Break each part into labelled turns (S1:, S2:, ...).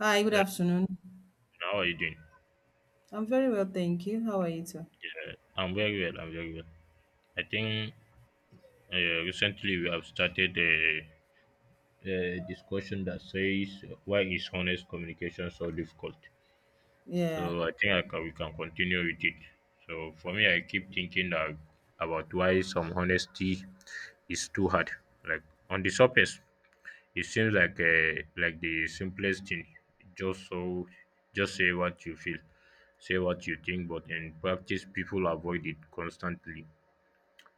S1: Hi, good
S2: Uh,
S1: afternoon.
S2: how are you doing?
S1: I'm very well, thank you. How are you too?
S2: I'm very well. I'm very well. I think uh, recently we have started a discussion that says why is honest communication so difficult.
S1: Yeah.
S2: So I think we can continue with it. So for me, I keep thinking that about why some honesty is too hard. Like on the surface, it seems like like the simplest thing. Just so, just say what you feel, say what you think. But in practice, people avoid it constantly.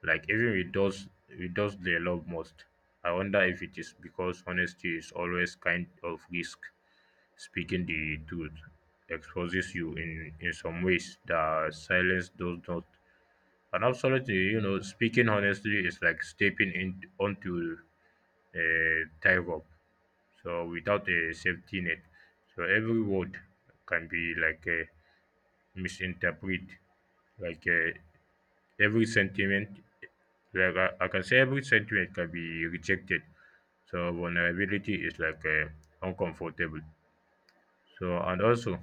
S2: Like even with those they love most. I wonder if it is because honesty is always kind of risk. Speaking the truth exposes you in some ways that silence does not. And absolutely, you know, speaking honestly is like stepping in onto a tightrope, so without a safety net, so every word can be like a misinterpreted, like every sentiment, like I can say every sentiment can be rejected. So vulnerability is like uncomfortable. So and also,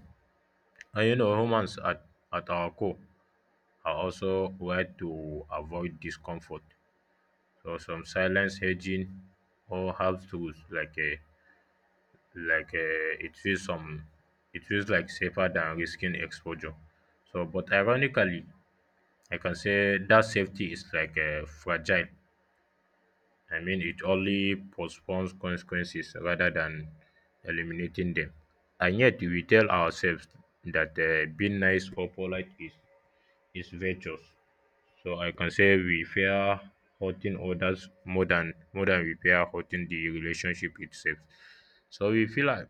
S2: and you know, humans at our core are also wired to avoid discomfort. So some silence hedging or half truths like a like it feels some it feels like safer than risking exposure, so but ironically I can say that safety is like fragile. I mean it only postpones consequences rather than eliminating them. And yet we tell ourselves that being nice or polite is virtuous. So I can say we fear hurting others more than we fear hurting the relationship itself. So we feel like,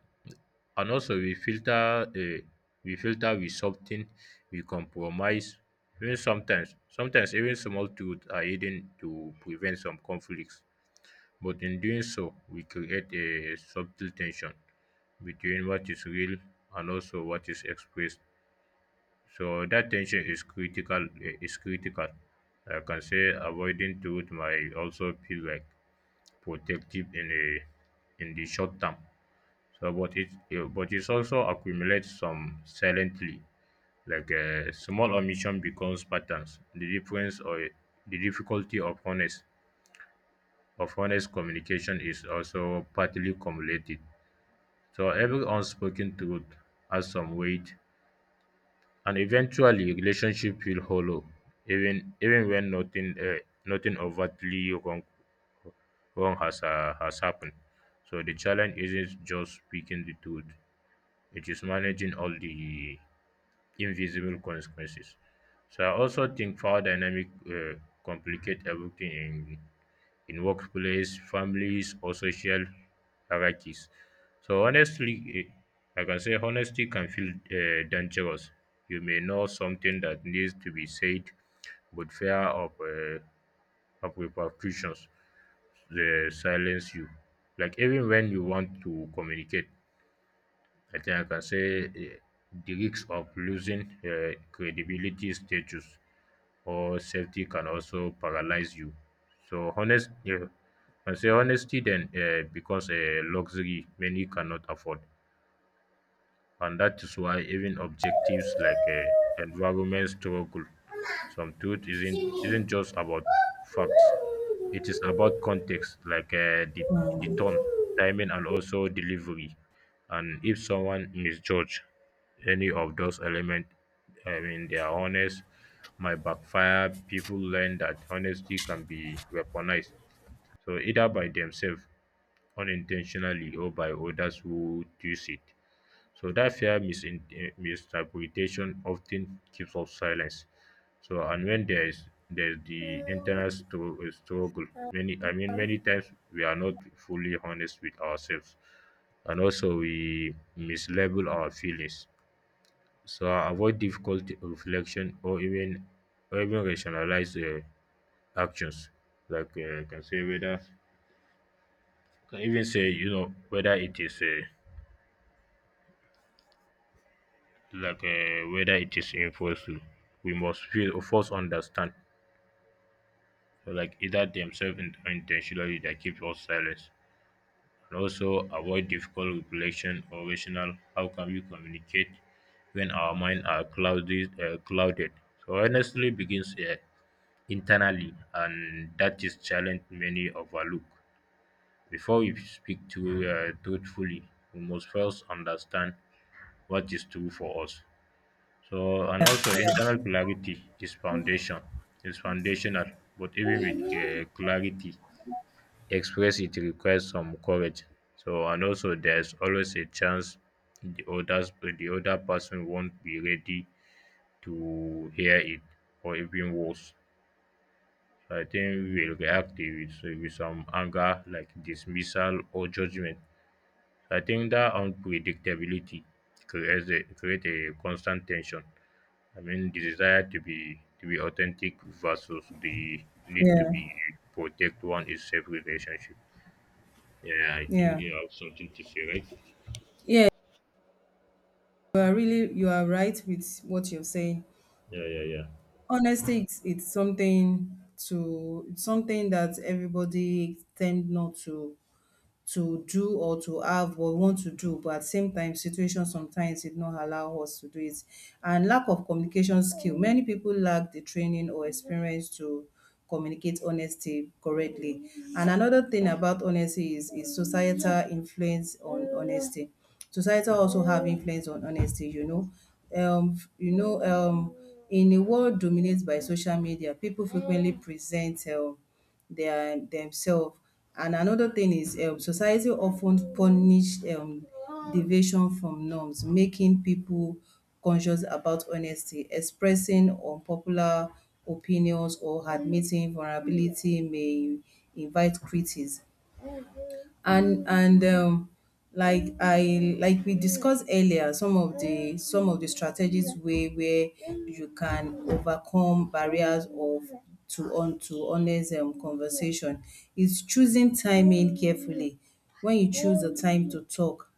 S2: and also we filter with something, we compromise. Even sometimes even small truths are hidden to prevent some conflicts, but in doing so we create a subtle tension between what is real and also what is expressed. So that tension is critical, is critical. I can say avoiding truth might also feel like protective in a in the short term. So but it also accumulates some silently, like a small omission becomes patterns. The difference or The difficulty of honest communication is also partly cumulated. So every unspoken truth has some weight, and eventually relationship feel hollow, even when nothing overtly wrong has happened. So the challenge isn't just speaking the truth; it is managing all the invisible consequences. So I also think power dynamic complicate everything in workplace, families, or social hierarchies. So honestly, I can say honesty can feel dangerous. You may know something that needs to be said, but fear of repercussions silence you. Like even when you want to communicate, I think I can say the risk of losing credibility status or safety can also paralyze you. So honest, I say honesty then becomes a luxury many cannot afford. And that's why even objectives like environment struggle, some truth
S1: Mm.
S2: isn't just about facts. It is about context, like the tone, timing, and also delivery. And if someone misjudge any of those elements, I mean, they are honest, might backfire. People learn that honesty can be weaponized, so either by themselves unintentionally or by others who twist it. So that fear misinterpretation often keeps us silent. So and when there's the internal struggle, many I mean many times we are not fully honest with ourselves, and also we mislabel our feelings. So I avoid difficult reflection or even rationalize actions, like I can say whether can even say, you know, whether it is whether it is enforceable. We must feel, first understand, so like either themselves or intentionally that keep us silent. And also avoid difficult reflection or rational. How can we communicate when our mind are clouded? Clouded? So honestly, begins internally, and that is challenge many overlook. Before we speak to truthfully, we must first understand what is true for us. So and also internal clarity is foundational, but even with clarity, express it requires some courage. So and also there's always a chance the others the other person won't be ready to hear it or even worse. So I think we'll react with some anger like dismissal or judgment. So, I think that unpredictability create a constant tension, I mean, the desire to be authentic versus the need to
S1: Yeah.
S2: be protect one is safe relationship. Yeah, I think
S1: Yeah.
S2: you have something to say, right?
S1: Yeah, you are really you are right with what you're saying.
S2: Yeah, yeah, yeah.
S1: Honestly, it's something that everybody tend not to do or to have or want to do, but at the same time, situation sometimes did not allow us to do it. And lack of communication skill. Many people lack the training or experience to communicate honesty correctly. And another thing about honesty is societal influence on honesty. Society also have influence on honesty, you know. Um, you know, um, in a world dominated by social media, people frequently present their themselves. And another thing is society often punish deviation from norms, making people conscious about honesty. Expressing unpopular opinions or admitting vulnerability may invite critics. And Like I like we discussed earlier, some of the strategies way where you can overcome barriers of to honest conversation is choosing timing carefully. When you choose the time to talk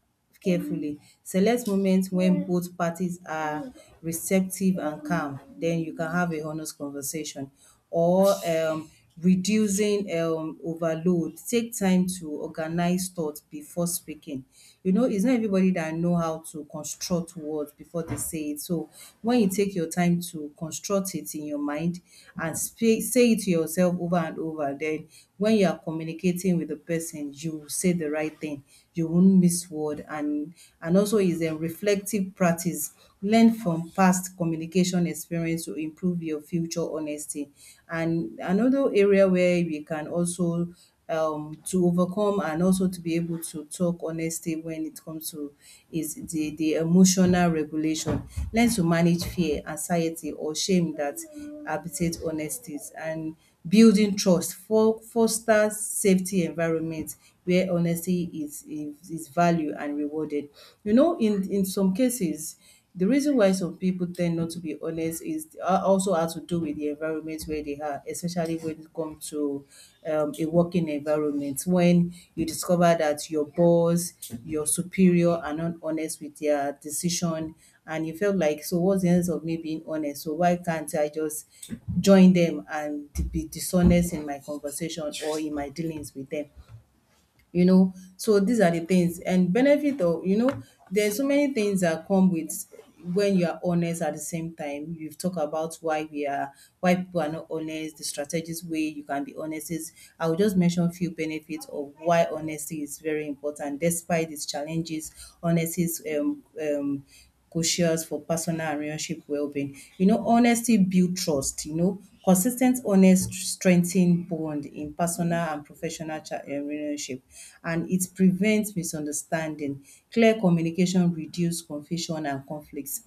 S1: carefully. Select moments when both parties are receptive and calm, then you can have a honest conversation. Or Reducing overload. Take time to organize thoughts before speaking. You know, it's not everybody that know how to construct words before they say it. So when you take your time to construct it in your mind and say it to yourself over and over, then when you are communicating with the person, you say the right thing. You won't miss word, and also is a reflective practice. Learn from past communication experience to improve your future honesty. And another area where we can also to overcome, and also to be able to talk honestly when it comes to, is the emotional regulation. Learn to manage fear, anxiety or shame that habitate honesties. And building trust, fo fosters safety environment where honesty is valued and rewarded. You know, in some cases, the reason why some people tend not to be honest is also has to do with the environment where they are, especially when it comes to a working environment. When you discover that your boss, your superior are not honest with their decision, and you felt like, so what's the sense of me being honest? So why can't I just join them and be dishonest in my conversation or in my dealings with them? You know, so these are the things. And benefit of, you know, there's so many things that come with when you are honest. At the same time, you've talked about why we are, why people are not honest. The strategies way you can be honest is, I will just mention few benefits of why honesty is very important. Despite its challenges, honesty is cautious for personal and relationship well-being. You know, honesty build trust, you know. Consistent honest strengthen bond in personal and professional cha relationship, and it prevents misunderstanding. Clear communication reduce confusion and conflicts.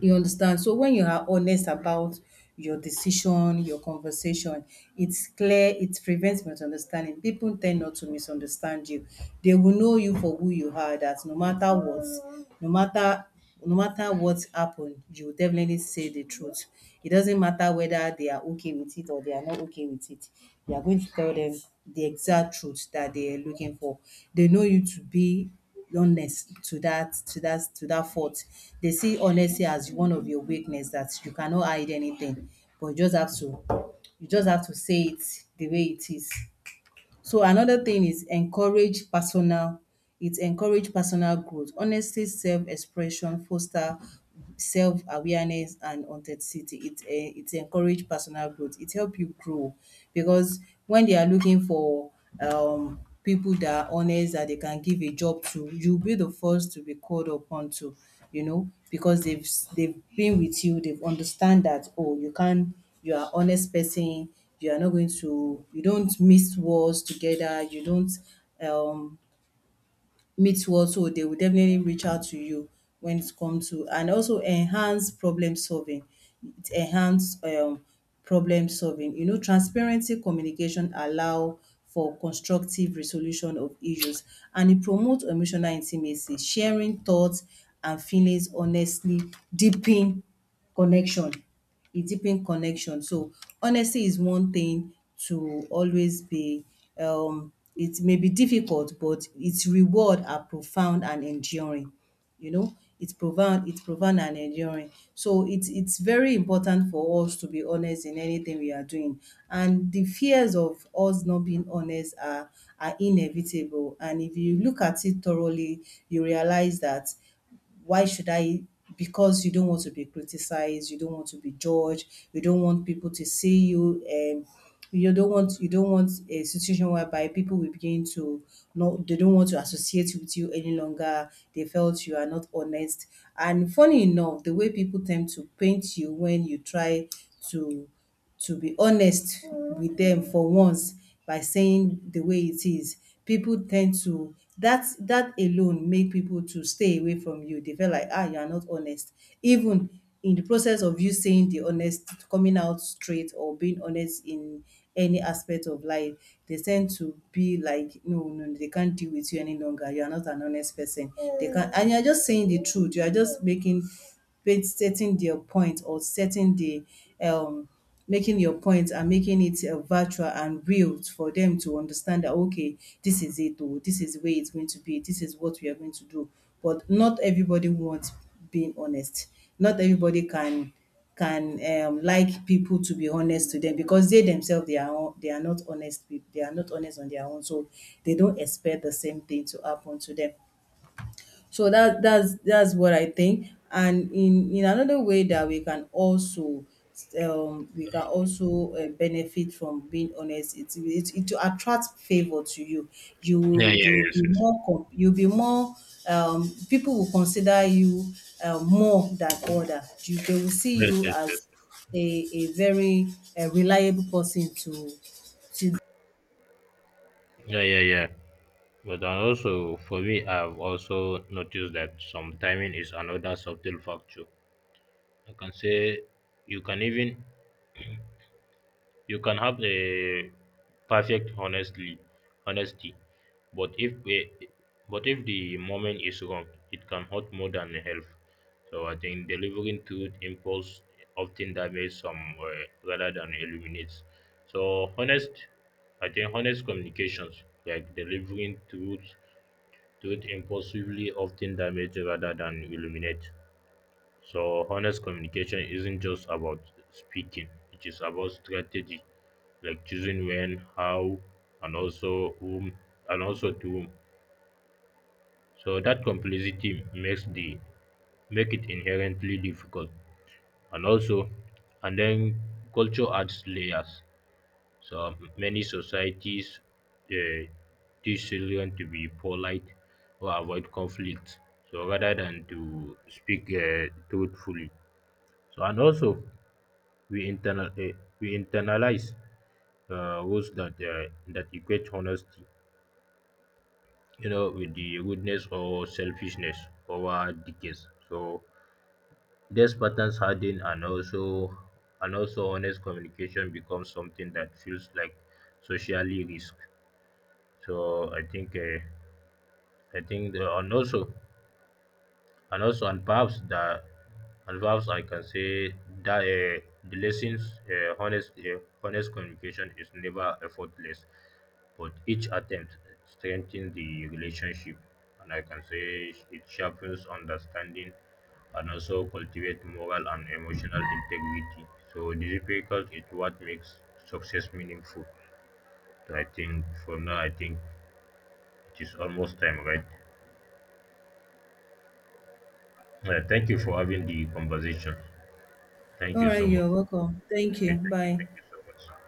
S1: You understand? So when you are honest about your decision, your conversation, it's clear, it prevents misunderstanding. People tend not to misunderstand you. They will know you for who you are, that no matter what, no matter no matter what happened, you will definitely say the truth. It doesn't matter whether they are okay with it or they are not okay with it. You are going to tell them the exact truth that they are looking for. They know you to be honest to that, to that fault. They see honesty as one of your weakness, that you cannot hide anything, but you just have to you just have to say it the way it is. So another thing is encourage personal, it encourage personal growth. Honestly, self-expression foster self-awareness and authenticity. It it encourage personal growth. It help you grow, because when they are looking for people that are honest that they can give a job to, you'll be the first to be called upon to, you know, because they've been with you, they've understand that, oh, you can't, you are honest person. You are not going to, you don't mix words together, you don't um mix words, so they will definitely reach out to you when it comes to. And also enhance problem solving, it enhance problem solving, you know. Transparency communication allow for constructive resolution of issues, and it promote emotional intimacy. Sharing thoughts and feelings honestly deepen connection, it deepen connection. So honesty is one thing to always be. It may be difficult, but its reward are profound and enduring. You know, it's profound and enduring. So it's very important for us to be honest in anything we are doing. And the fears of us not being honest are inevitable. And if you look at it thoroughly, you realize that, why should I? Because you don't want to be criticized, you don't want to be judged, you don't want people to see you. You don't want a situation whereby people will begin to, no, they don't want to associate with you any longer. They felt you are not honest. And funny enough, the way people tend to paint you when you try to be honest with dem for once by saying the way it is. Pipu ten d to, that alone make pipu to stay away from you. They felt like you are not honest. Even in the process of you saying the honest, coming out straight or being honest in any aspect of life, they tend to be like, no no no, they can't deal with you any longer. You are not an honest person. They can't, and you are just saying the truth. You are just making stating their point, or setting the um making your point, and making it virtual and real for them to understand that, okay, this is it, or this is the way it's going to be, this is what we are going to do. But not everybody wants being honest, not everybody can like people to be honest to them, because they themselves they are they are not honest with, they are not honest on their own. So they don't expect the same thing to happen to them. So that's what I think. And in another way that we can also benefit from being honest, it to attract favor to you.
S2: Yeah, yeah,
S1: You will
S2: yes,
S1: be
S2: yes,
S1: more you'll be more people will consider you more than other. You They will see
S2: yes,
S1: you
S2: yes,
S1: as
S2: yes, yes.
S1: a very reliable person to to
S2: Yeah, yeah, yeah. But I also, for me, I've also noticed that some timing is another subtle factor. I can say you can even, you can have a perfect honestly honesty, but if the moment is wrong, it can hurt more than help. So I think delivering truth impulse often damages some rather than illuminates. So honest, I think honest communications like delivering truth impulsively often damage rather than illuminate. So, honest communication isn't just about speaking, it is about strategy, like choosing when, how, and also whom, and also to whom. So, that complexity makes the make it inherently difficult, and also and then culture adds layers. So many societies uh, teach children to be polite or avoid conflict, so rather than to speak truthfully. So and also We internal uh, we internalize rules that that equate honesty, you know, with the rudeness or selfishness over decades. So these patterns harden, and also honest communication becomes something that feels like socially risk. So I think the, and also and also and perhaps I can say that the lessons honest honest communication is never effortless, but each attempt strengthens the relationship, and I can say it sharpens understanding and also cultivate moral and emotional integrity. So the difficult is what makes success meaningful. So I think for now, I think it is almost time, right? Thank you for having the conversation. Thank
S1: all
S2: you so
S1: right,
S2: much.
S1: you're welcome, thank
S2: Thank
S1: you,
S2: you, thank you,
S1: bye.
S2: thank you so much.